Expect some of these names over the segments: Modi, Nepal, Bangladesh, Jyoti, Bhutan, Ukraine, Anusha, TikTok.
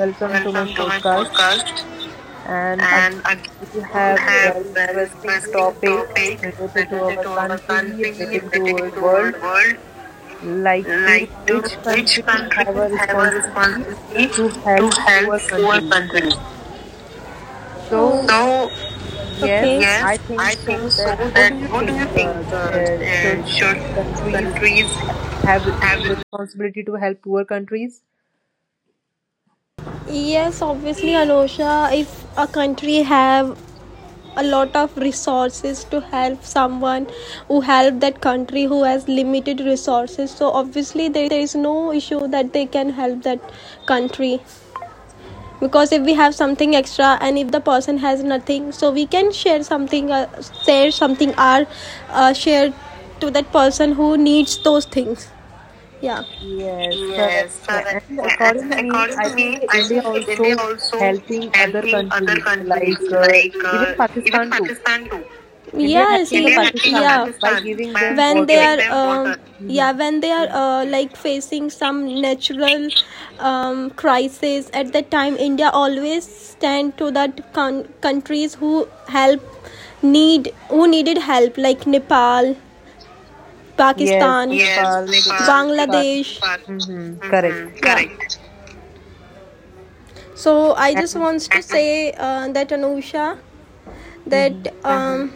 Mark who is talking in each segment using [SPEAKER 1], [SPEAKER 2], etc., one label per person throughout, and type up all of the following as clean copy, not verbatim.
[SPEAKER 1] Welcome to my
[SPEAKER 2] Welcome to my
[SPEAKER 1] podcast.
[SPEAKER 2] podcast.
[SPEAKER 1] And again,
[SPEAKER 2] And again,
[SPEAKER 1] we
[SPEAKER 2] we
[SPEAKER 1] have
[SPEAKER 2] have
[SPEAKER 1] very
[SPEAKER 2] very
[SPEAKER 1] interesting
[SPEAKER 2] interesting
[SPEAKER 1] topic
[SPEAKER 2] topic
[SPEAKER 1] related to
[SPEAKER 2] related to
[SPEAKER 1] our
[SPEAKER 2] our
[SPEAKER 1] country,
[SPEAKER 2] country,
[SPEAKER 1] related to
[SPEAKER 2] related
[SPEAKER 1] our
[SPEAKER 2] to our
[SPEAKER 1] world.
[SPEAKER 2] world.
[SPEAKER 1] Like, do
[SPEAKER 2] Like, do
[SPEAKER 1] rich
[SPEAKER 2] rich
[SPEAKER 1] countries
[SPEAKER 2] countries
[SPEAKER 1] have a
[SPEAKER 2] have a
[SPEAKER 1] responsibility
[SPEAKER 2] responsibility
[SPEAKER 1] to
[SPEAKER 2] to
[SPEAKER 1] help
[SPEAKER 2] help
[SPEAKER 1] poor
[SPEAKER 2] poor
[SPEAKER 1] countries?
[SPEAKER 2] countries?
[SPEAKER 1] So,
[SPEAKER 2] Oh,
[SPEAKER 1] yes,
[SPEAKER 2] yes,
[SPEAKER 1] I think
[SPEAKER 2] I
[SPEAKER 1] so.
[SPEAKER 2] think so.
[SPEAKER 1] That what
[SPEAKER 2] That
[SPEAKER 1] do you
[SPEAKER 2] what do
[SPEAKER 1] think?
[SPEAKER 2] you think?
[SPEAKER 1] Uh, uh, should
[SPEAKER 2] Should
[SPEAKER 1] countries
[SPEAKER 2] countries
[SPEAKER 1] have
[SPEAKER 2] have?
[SPEAKER 1] responsibility to help poor countries?
[SPEAKER 2] Yes, obviously, Anosha, if a country have a lot of resources to help someone who help that country who has limited resources, so obviously there is no issue that they can help that country because if we have something extra and if the person has nothing, so we can share something, share something, or share to that person who needs those things. Yeah,
[SPEAKER 1] Yes, correct.
[SPEAKER 2] yes, correct.
[SPEAKER 1] And according
[SPEAKER 2] And
[SPEAKER 1] to me,
[SPEAKER 2] according to
[SPEAKER 1] I think
[SPEAKER 2] me, I
[SPEAKER 1] India
[SPEAKER 2] think India
[SPEAKER 1] also
[SPEAKER 2] also
[SPEAKER 1] helping other
[SPEAKER 2] helping other
[SPEAKER 1] countries
[SPEAKER 2] countries,
[SPEAKER 1] like
[SPEAKER 2] like
[SPEAKER 1] even
[SPEAKER 2] even
[SPEAKER 1] Pakistan too.
[SPEAKER 2] Pakistan too.
[SPEAKER 1] India
[SPEAKER 2] Yes,
[SPEAKER 1] helping the
[SPEAKER 2] India helping, even yeah,
[SPEAKER 1] Pakistan by
[SPEAKER 2] Pakistan,
[SPEAKER 1] giving
[SPEAKER 2] by
[SPEAKER 1] them
[SPEAKER 2] when they
[SPEAKER 1] water.
[SPEAKER 2] giving them are water.
[SPEAKER 1] hmm
[SPEAKER 2] Yeah, when they are like facing some natural crisis, at that time India always stand to that countries who help need, who needed help, like Nepal,
[SPEAKER 1] Yes,
[SPEAKER 2] Pakistan — yes,
[SPEAKER 1] Nepal,
[SPEAKER 2] Nepal —
[SPEAKER 1] Pakistan.
[SPEAKER 2] Bangladesh. Nepal. Mm-hmm.
[SPEAKER 1] Correct.
[SPEAKER 2] Correct. Yeah. So I just
[SPEAKER 1] And
[SPEAKER 2] wants to say, that Anusha, that
[SPEAKER 1] hmm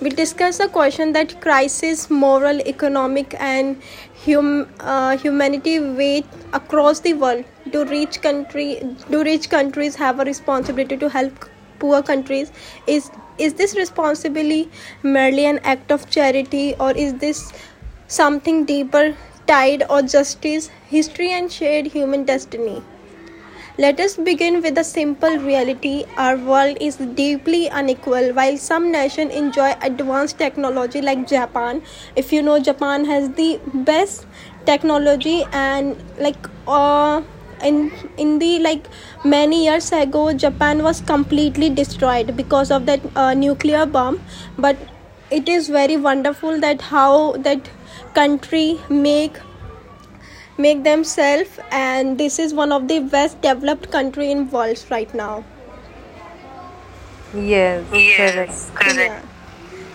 [SPEAKER 2] we'll discuss a question that crisis, moral, economic, and humanity weight across the world. Do rich country do rich countries have a responsibility to help poor countries? Is is this responsibility merely an act of charity, or is this something deeper, tide, or justice, history, and shared human destiny? Let us begin with the simple reality. Our world is deeply unequal. While some nations enjoy advanced technology like Japan — if you know, Japan has the best technology — and like in in the like many years ago, Japan was completely destroyed because of that nuclear bomb, but it is very wonderful that how that country make themselves, and this is one of the best developed country in world right now.
[SPEAKER 1] yes, correct,
[SPEAKER 2] Yes, correct. Yeah,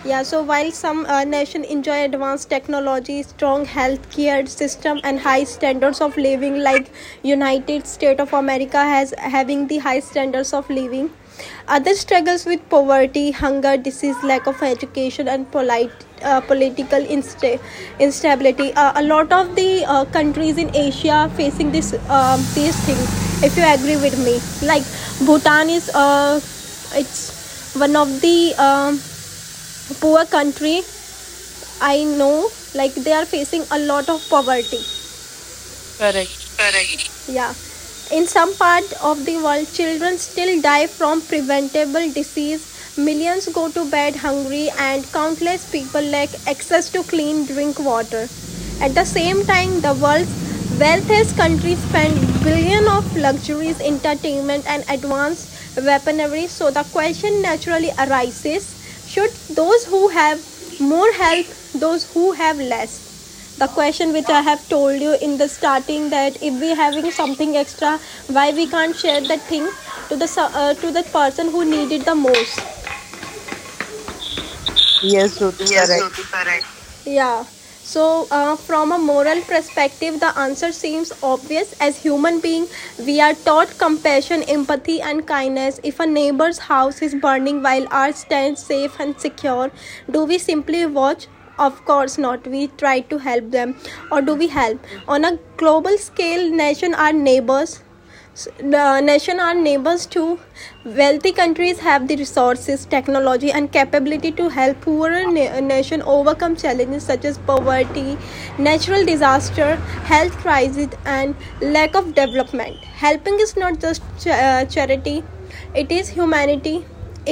[SPEAKER 2] yeah, so while some nations enjoy advanced technology, strong healthcare system, and high standards of living, like United States of America has having the high standards of living, others struggles with poverty, hunger, disease, lack of education, and polite political instability. A lot of the countries in Asia facing this these things. If you agree with me, like Bhutan is it's one of the poor country. I know like they are facing a lot of poverty.
[SPEAKER 1] correct.
[SPEAKER 2] Correct. Yeah. In some part of the world, children still die from preventable disease. Millions go to bed hungry, and countless people lack access to clean drink water. At the same time, the world's wealthiest countries spend billions of luxuries, entertainment, and advanced weaponry. So the question naturally arises: should those who have more help those who have less? The question which I have told you in the starting, that if we having something extra, why we can't share that thing to the to that person who need it the most.
[SPEAKER 1] Yes, Jyoti,
[SPEAKER 2] Yes,
[SPEAKER 1] correct,
[SPEAKER 2] Jyoti, correct. Yeah. So, from a moral perspective, the answer seems obvious. As human being, we are taught compassion, empathy, and kindness. If a neighbor's house is burning while ours stands safe and secure, do we simply watch? Of course not. We try to help them, or do we help? On a global scale, nation are neighbors, so the nation are neighbors too. Wealthy countries have the resources, technology, and capability to help poorer nation overcome challenges such as poverty, natural disaster, health crisis, and lack of development. Helping is not just charity, it is humanity.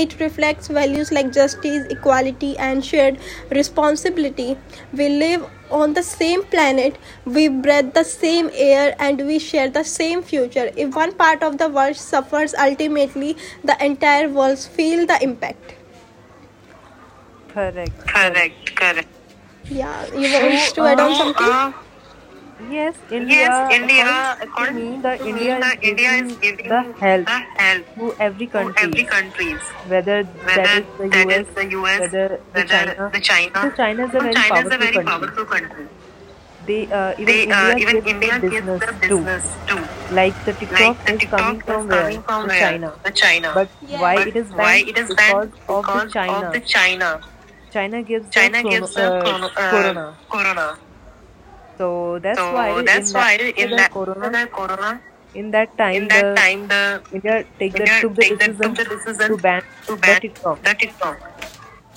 [SPEAKER 2] It reflects values like justice, equality, and shared responsibility. We live on the same planet, we breathe the same air, and we share the same future. If one part of the world suffers, ultimately the entire world feels the impact.
[SPEAKER 1] correct, correct.
[SPEAKER 2] Correct, correct. Yeah, you want
[SPEAKER 1] So,
[SPEAKER 2] to add on so, something?
[SPEAKER 1] yes,
[SPEAKER 2] Yes,
[SPEAKER 1] India, according
[SPEAKER 2] India,
[SPEAKER 1] to
[SPEAKER 2] according
[SPEAKER 1] me, the
[SPEAKER 2] to me,
[SPEAKER 1] India is
[SPEAKER 2] the India is
[SPEAKER 1] giving the
[SPEAKER 2] giving
[SPEAKER 1] help
[SPEAKER 2] the help
[SPEAKER 1] to every
[SPEAKER 2] to every
[SPEAKER 1] countries,
[SPEAKER 2] countries,
[SPEAKER 1] whether that
[SPEAKER 2] whether
[SPEAKER 1] is the
[SPEAKER 2] that is
[SPEAKER 1] US,
[SPEAKER 2] the US,
[SPEAKER 1] whether the
[SPEAKER 2] whether
[SPEAKER 1] China,
[SPEAKER 2] the China.
[SPEAKER 1] because China is a
[SPEAKER 2] Because
[SPEAKER 1] very
[SPEAKER 2] China is a
[SPEAKER 1] powerful
[SPEAKER 2] very
[SPEAKER 1] country.
[SPEAKER 2] powerful country.
[SPEAKER 1] They even
[SPEAKER 2] They
[SPEAKER 1] India
[SPEAKER 2] even
[SPEAKER 1] gives the
[SPEAKER 2] India gives
[SPEAKER 1] business
[SPEAKER 2] the
[SPEAKER 1] too.
[SPEAKER 2] business too.
[SPEAKER 1] Like the
[SPEAKER 2] Like
[SPEAKER 1] TikTok
[SPEAKER 2] the
[SPEAKER 1] is coming
[SPEAKER 2] TikTok is
[SPEAKER 1] from
[SPEAKER 2] coming
[SPEAKER 1] where?
[SPEAKER 2] from
[SPEAKER 1] The
[SPEAKER 2] where?
[SPEAKER 1] China.
[SPEAKER 2] The China.
[SPEAKER 1] But
[SPEAKER 2] Yes.
[SPEAKER 1] why
[SPEAKER 2] But
[SPEAKER 1] it is
[SPEAKER 2] why
[SPEAKER 1] banned?
[SPEAKER 2] it is banned?
[SPEAKER 1] Because of the
[SPEAKER 2] Because of the
[SPEAKER 1] China.
[SPEAKER 2] China.
[SPEAKER 1] China gives the
[SPEAKER 2] China gives the chrono,
[SPEAKER 1] corona.
[SPEAKER 2] corona.
[SPEAKER 1] So that's why
[SPEAKER 2] So
[SPEAKER 1] in
[SPEAKER 2] that's
[SPEAKER 1] that
[SPEAKER 2] why
[SPEAKER 1] after
[SPEAKER 2] in
[SPEAKER 1] the
[SPEAKER 2] that, the
[SPEAKER 1] corona
[SPEAKER 2] corona,
[SPEAKER 1] in that
[SPEAKER 2] in
[SPEAKER 1] time,
[SPEAKER 2] that
[SPEAKER 1] the
[SPEAKER 2] time, the
[SPEAKER 1] India take the
[SPEAKER 2] India
[SPEAKER 1] took the
[SPEAKER 2] take the, took
[SPEAKER 1] decision
[SPEAKER 2] the
[SPEAKER 1] to
[SPEAKER 2] decision
[SPEAKER 1] ban
[SPEAKER 2] to
[SPEAKER 1] the
[SPEAKER 2] ban
[SPEAKER 1] TikTok
[SPEAKER 2] the TikTok,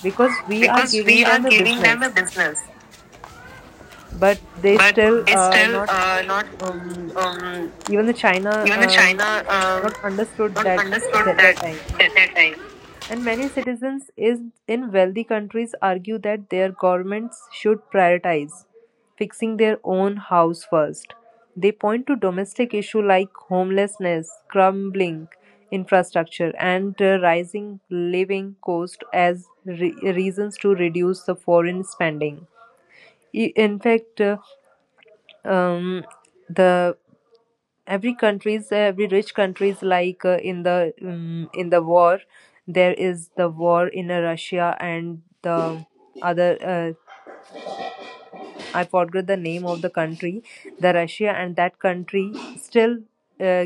[SPEAKER 1] because we are
[SPEAKER 2] because we
[SPEAKER 1] giving
[SPEAKER 2] are
[SPEAKER 1] them a
[SPEAKER 2] giving
[SPEAKER 1] business,
[SPEAKER 2] them a business,
[SPEAKER 1] but they
[SPEAKER 2] but
[SPEAKER 1] still
[SPEAKER 2] it's still
[SPEAKER 1] not
[SPEAKER 2] not
[SPEAKER 1] um,
[SPEAKER 2] um,
[SPEAKER 1] even the China
[SPEAKER 2] even the China
[SPEAKER 1] not understood
[SPEAKER 2] not
[SPEAKER 1] that
[SPEAKER 2] understood
[SPEAKER 1] that,
[SPEAKER 2] that
[SPEAKER 1] that time.
[SPEAKER 2] at that time.
[SPEAKER 1] And many citizens is, in wealthy countries argue that their governments should prioritize fixing their own house first. They point to domestic issues like homelessness, crumbling infrastructure, and rising living cost as reasons to reduce the foreign spending. In fact, um, the every countries, every rich countries like in the war, there is the war in Russia and the other I forgot the name of the country, the Russia and that country still uh,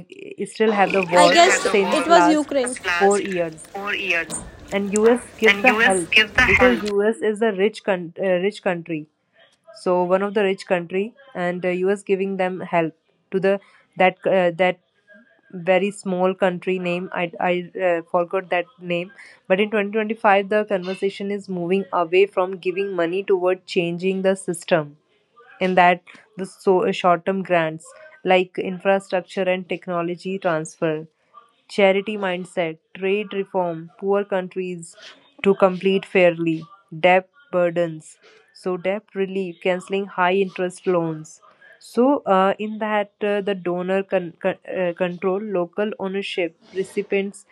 [SPEAKER 1] still have the
[SPEAKER 2] It, I
[SPEAKER 1] war
[SPEAKER 2] guess,
[SPEAKER 1] since
[SPEAKER 2] it was
[SPEAKER 1] last
[SPEAKER 2] Ukraine
[SPEAKER 1] 4
[SPEAKER 2] last
[SPEAKER 1] years,
[SPEAKER 2] 4 years,
[SPEAKER 1] and US gives
[SPEAKER 2] and
[SPEAKER 1] the
[SPEAKER 2] US
[SPEAKER 1] help
[SPEAKER 2] give the help.
[SPEAKER 1] because US is a rich rich country, so one of the rich country. And US giving them help to the that that very small country name, I forgot that name. But in 2025 the conversation is moving away from giving money toward changing the system. In that the so, short term grants like infrastructure and technology transfer, charity mindset, trade reform, poor countries to complete fairly, debt burdens, so debt relief, canceling high interest loans. So, in that, the donor control, local ownership, recipients,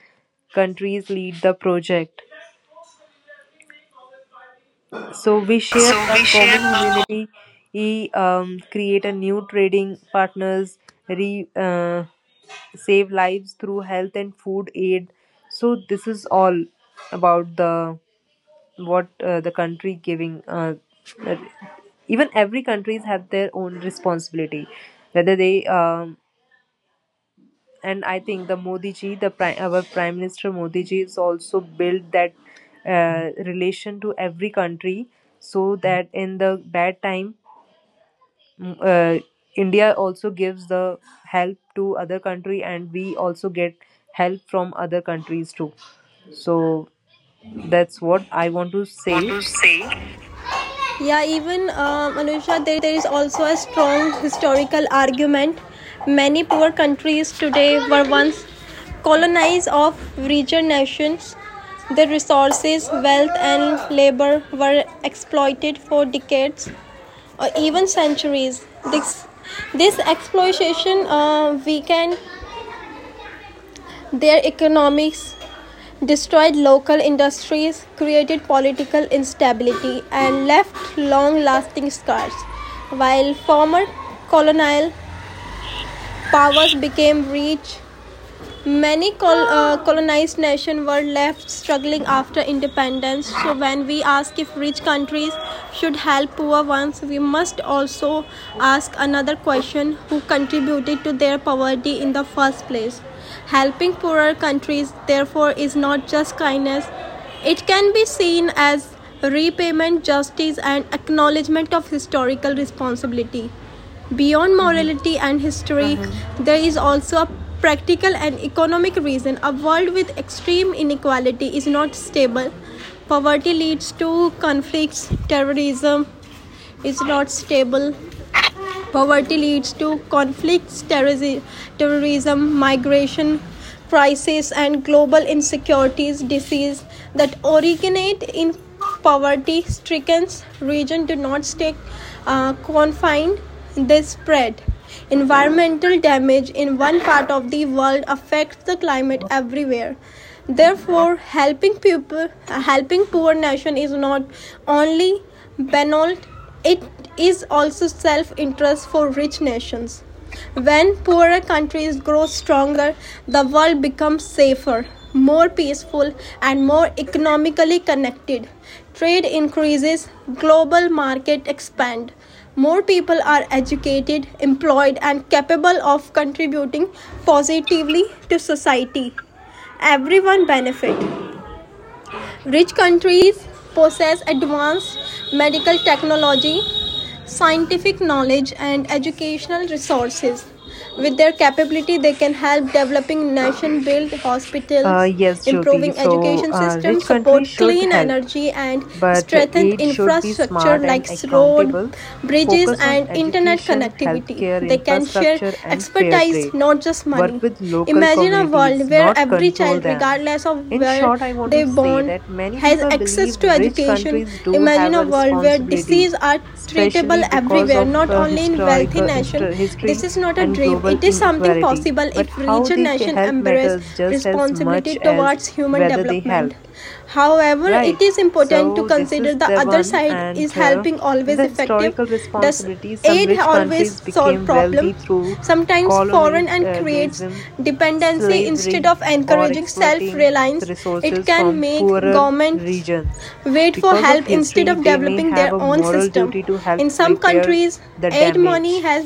[SPEAKER 1] countries lead the project. So we share
[SPEAKER 2] So
[SPEAKER 1] a
[SPEAKER 2] we share
[SPEAKER 1] common
[SPEAKER 2] a
[SPEAKER 1] humanity, create a new trading partners, re, uh, save lives through health and food aid. So this is all about the what the country giving. That even every countries have their own responsibility, whether they um, and I think the Modi ji, the prime, our Prime Minister Modi ji, is also built that relation to every country, so that in the bad time, mm, uh, India also gives the help to other country, and we also get help from other countries too. So that's what I want to
[SPEAKER 2] want
[SPEAKER 1] say.
[SPEAKER 2] to say. Yeah, even Anusha, there is also a strong historical argument. Many poor countries today were once colonized of richer nations. Their resources, wealth, and labor were exploited for decades or even centuries. This, this exploitation weakened their economics, destroyed local industries, created political instability, and left long lasting scars. While former colonial powers became rich, many colonized nations were left struggling after independence. So, when we ask if rich countries should help poor ones, we must also ask another question: who contributed to their poverty in the first place? Helping poorer countries, therefore, is not just kindness, it can be seen as repayment, justice, and acknowledgement of historical responsibility. Beyond
[SPEAKER 1] Mhm.
[SPEAKER 2] morality and history, uh-huh, there is also a practical and economic reason. A world with extreme inequality is not stable. Poverty leads to conflicts, terrorism is not stable, poverty leads to conflicts, terrorism, migration, crisis, and global insecurities. Disease that originate in poverty-stricken regions do not stay confined. They spread. Environmental damage in one part of the world affects the climate everywhere. Therefore, helping people, helping poor nation, is not only banal, it is also self interest for rich nations. When poorer countries grow stronger, the world becomes safer, more peaceful, and more economically connected. Trade increases, global market expand. More people are educated, employed, and capable of contributing positively to society. Everyone benefit. Rich countries possess advanced medical technology, scientific knowledge, and educational resources. With their capability, they can help developing nation build hospitals,
[SPEAKER 1] Yes, Jyoti.
[SPEAKER 2] improving
[SPEAKER 1] So
[SPEAKER 2] education
[SPEAKER 1] rich
[SPEAKER 2] systems,
[SPEAKER 1] countries
[SPEAKER 2] support
[SPEAKER 1] should
[SPEAKER 2] clean
[SPEAKER 1] help.
[SPEAKER 2] energy, and
[SPEAKER 1] But
[SPEAKER 2] strengthen
[SPEAKER 1] aid should be
[SPEAKER 2] infrastructure
[SPEAKER 1] smart and
[SPEAKER 2] like road,
[SPEAKER 1] accountable,
[SPEAKER 2] bridges,
[SPEAKER 1] focus on
[SPEAKER 2] and internet
[SPEAKER 1] education,
[SPEAKER 2] connectivity.
[SPEAKER 1] healthcare,
[SPEAKER 2] They can share
[SPEAKER 1] infrastructure, and fair
[SPEAKER 2] expertise,
[SPEAKER 1] trade.
[SPEAKER 2] not just money.
[SPEAKER 1] Work with local
[SPEAKER 2] Imagine a world
[SPEAKER 1] communities,
[SPEAKER 2] where
[SPEAKER 1] not
[SPEAKER 2] every
[SPEAKER 1] control
[SPEAKER 2] child,
[SPEAKER 1] them.
[SPEAKER 2] regardless of
[SPEAKER 1] In
[SPEAKER 2] where
[SPEAKER 1] short, I want to
[SPEAKER 2] they
[SPEAKER 1] say
[SPEAKER 2] born,
[SPEAKER 1] that many
[SPEAKER 2] has
[SPEAKER 1] people
[SPEAKER 2] access
[SPEAKER 1] believe
[SPEAKER 2] to
[SPEAKER 1] rich
[SPEAKER 2] education.
[SPEAKER 1] countries do
[SPEAKER 2] Imagine
[SPEAKER 1] have
[SPEAKER 2] a
[SPEAKER 1] a
[SPEAKER 2] world where
[SPEAKER 1] responsibility,
[SPEAKER 2] diseases are treatable
[SPEAKER 1] especially because
[SPEAKER 2] everywhere,
[SPEAKER 1] of
[SPEAKER 2] not only in wealthy
[SPEAKER 1] historical
[SPEAKER 2] nation.
[SPEAKER 1] history
[SPEAKER 2] This is not a
[SPEAKER 1] and
[SPEAKER 2] dream,
[SPEAKER 1] global
[SPEAKER 2] it is something
[SPEAKER 1] inequality.
[SPEAKER 2] possible
[SPEAKER 1] But
[SPEAKER 2] if
[SPEAKER 1] how
[SPEAKER 2] richer
[SPEAKER 1] they
[SPEAKER 2] nation
[SPEAKER 1] help
[SPEAKER 2] embrace
[SPEAKER 1] matters just as
[SPEAKER 2] responsibility
[SPEAKER 1] much as
[SPEAKER 2] towards human
[SPEAKER 1] whether they
[SPEAKER 2] development.
[SPEAKER 1] help.
[SPEAKER 2] However, it
[SPEAKER 1] Right.
[SPEAKER 2] is important to
[SPEAKER 1] So this
[SPEAKER 2] consider
[SPEAKER 1] is
[SPEAKER 2] the
[SPEAKER 1] the
[SPEAKER 2] other
[SPEAKER 1] one.
[SPEAKER 2] side. Is
[SPEAKER 1] And
[SPEAKER 2] helping
[SPEAKER 1] in
[SPEAKER 2] always
[SPEAKER 1] the
[SPEAKER 2] effective?
[SPEAKER 1] historical
[SPEAKER 2] Does
[SPEAKER 1] responsibility, some
[SPEAKER 2] aid
[SPEAKER 1] rich
[SPEAKER 2] always
[SPEAKER 1] countries
[SPEAKER 2] solve
[SPEAKER 1] became
[SPEAKER 2] problems?
[SPEAKER 1] wealthy through
[SPEAKER 2] Sometimes foreign, and creates
[SPEAKER 1] colonialism,
[SPEAKER 2] dependency instead
[SPEAKER 1] slavery,
[SPEAKER 2] of
[SPEAKER 1] or
[SPEAKER 2] encouraging self
[SPEAKER 1] exploiting
[SPEAKER 2] reliance. It
[SPEAKER 1] resources
[SPEAKER 2] can
[SPEAKER 1] from
[SPEAKER 2] make
[SPEAKER 1] poorer
[SPEAKER 2] governments
[SPEAKER 1] regions.
[SPEAKER 2] wait for
[SPEAKER 1] Because of
[SPEAKER 2] help instead
[SPEAKER 1] history,
[SPEAKER 2] of
[SPEAKER 1] they may
[SPEAKER 2] developing
[SPEAKER 1] have
[SPEAKER 2] their
[SPEAKER 1] a
[SPEAKER 2] own
[SPEAKER 1] moral
[SPEAKER 2] system.
[SPEAKER 1] duty to
[SPEAKER 2] In
[SPEAKER 1] help
[SPEAKER 2] some
[SPEAKER 1] repair
[SPEAKER 2] countries,
[SPEAKER 1] the
[SPEAKER 2] aid money
[SPEAKER 1] damage.
[SPEAKER 2] has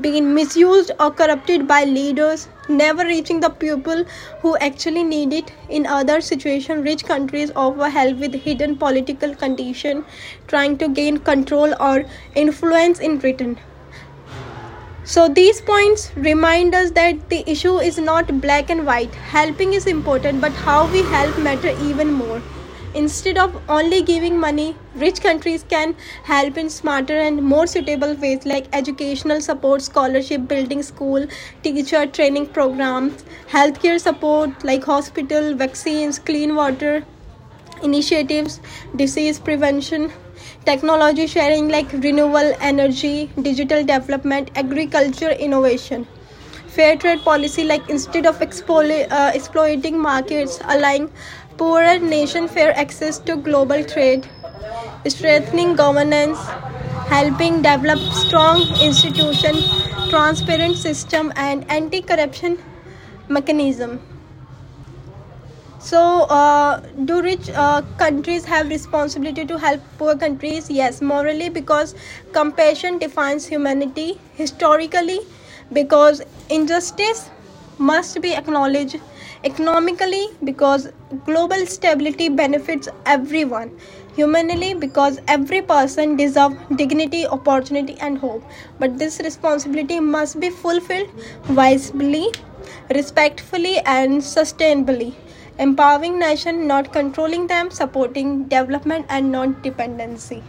[SPEAKER 2] been misused or corrupted by leaders, never reaching the people who actually need it. In other situations, rich countries offer help with hidden political condition, trying to gain control or influence in return. So, these points remind us that the issue is not black and white. Helping is important, but how we help matter even more. Instead of only giving money, rich countries can help in smarter and more suitable ways, like educational support, scholarship, building school, teacher training programs, healthcare support like hospital, vaccines, clean water, initiatives, disease prevention, technology sharing like renewable energy, digital development, agriculture innovation. Fair trade policy, like instead of exploiting markets, allowing poorer nation fair access to global trade, strengthening governance, helping develop strong institution, transparent system and anti-corruption mechanism. So, do rich countries have responsibility to help poor countries? Yes, morally, because compassion defines humanity; historically, because injustice must be acknowledged; economically, because global stability benefits everyone; humanly, because every person deserves dignity, opportunity, and hope. But this responsibility must be fulfilled wisely, respectfully, and sustainably, empowering nations, not controlling them, supporting development and non dependency.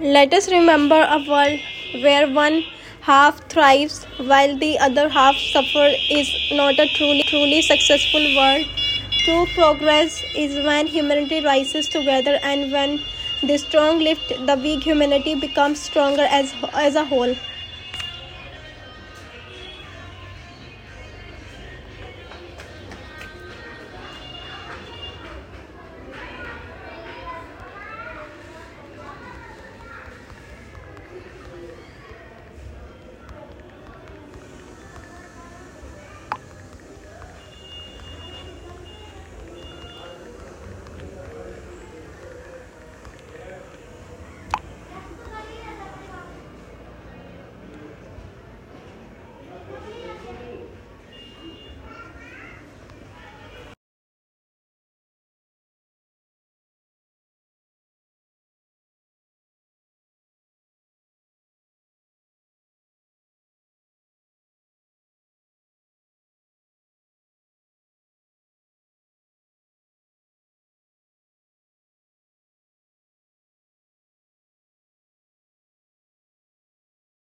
[SPEAKER 2] Let us remember, a world where one half thrives while the other half suffers is not a truly successful world. True progress is when humanity rises together, and when the strong lift the weak, humanity becomes stronger as a whole.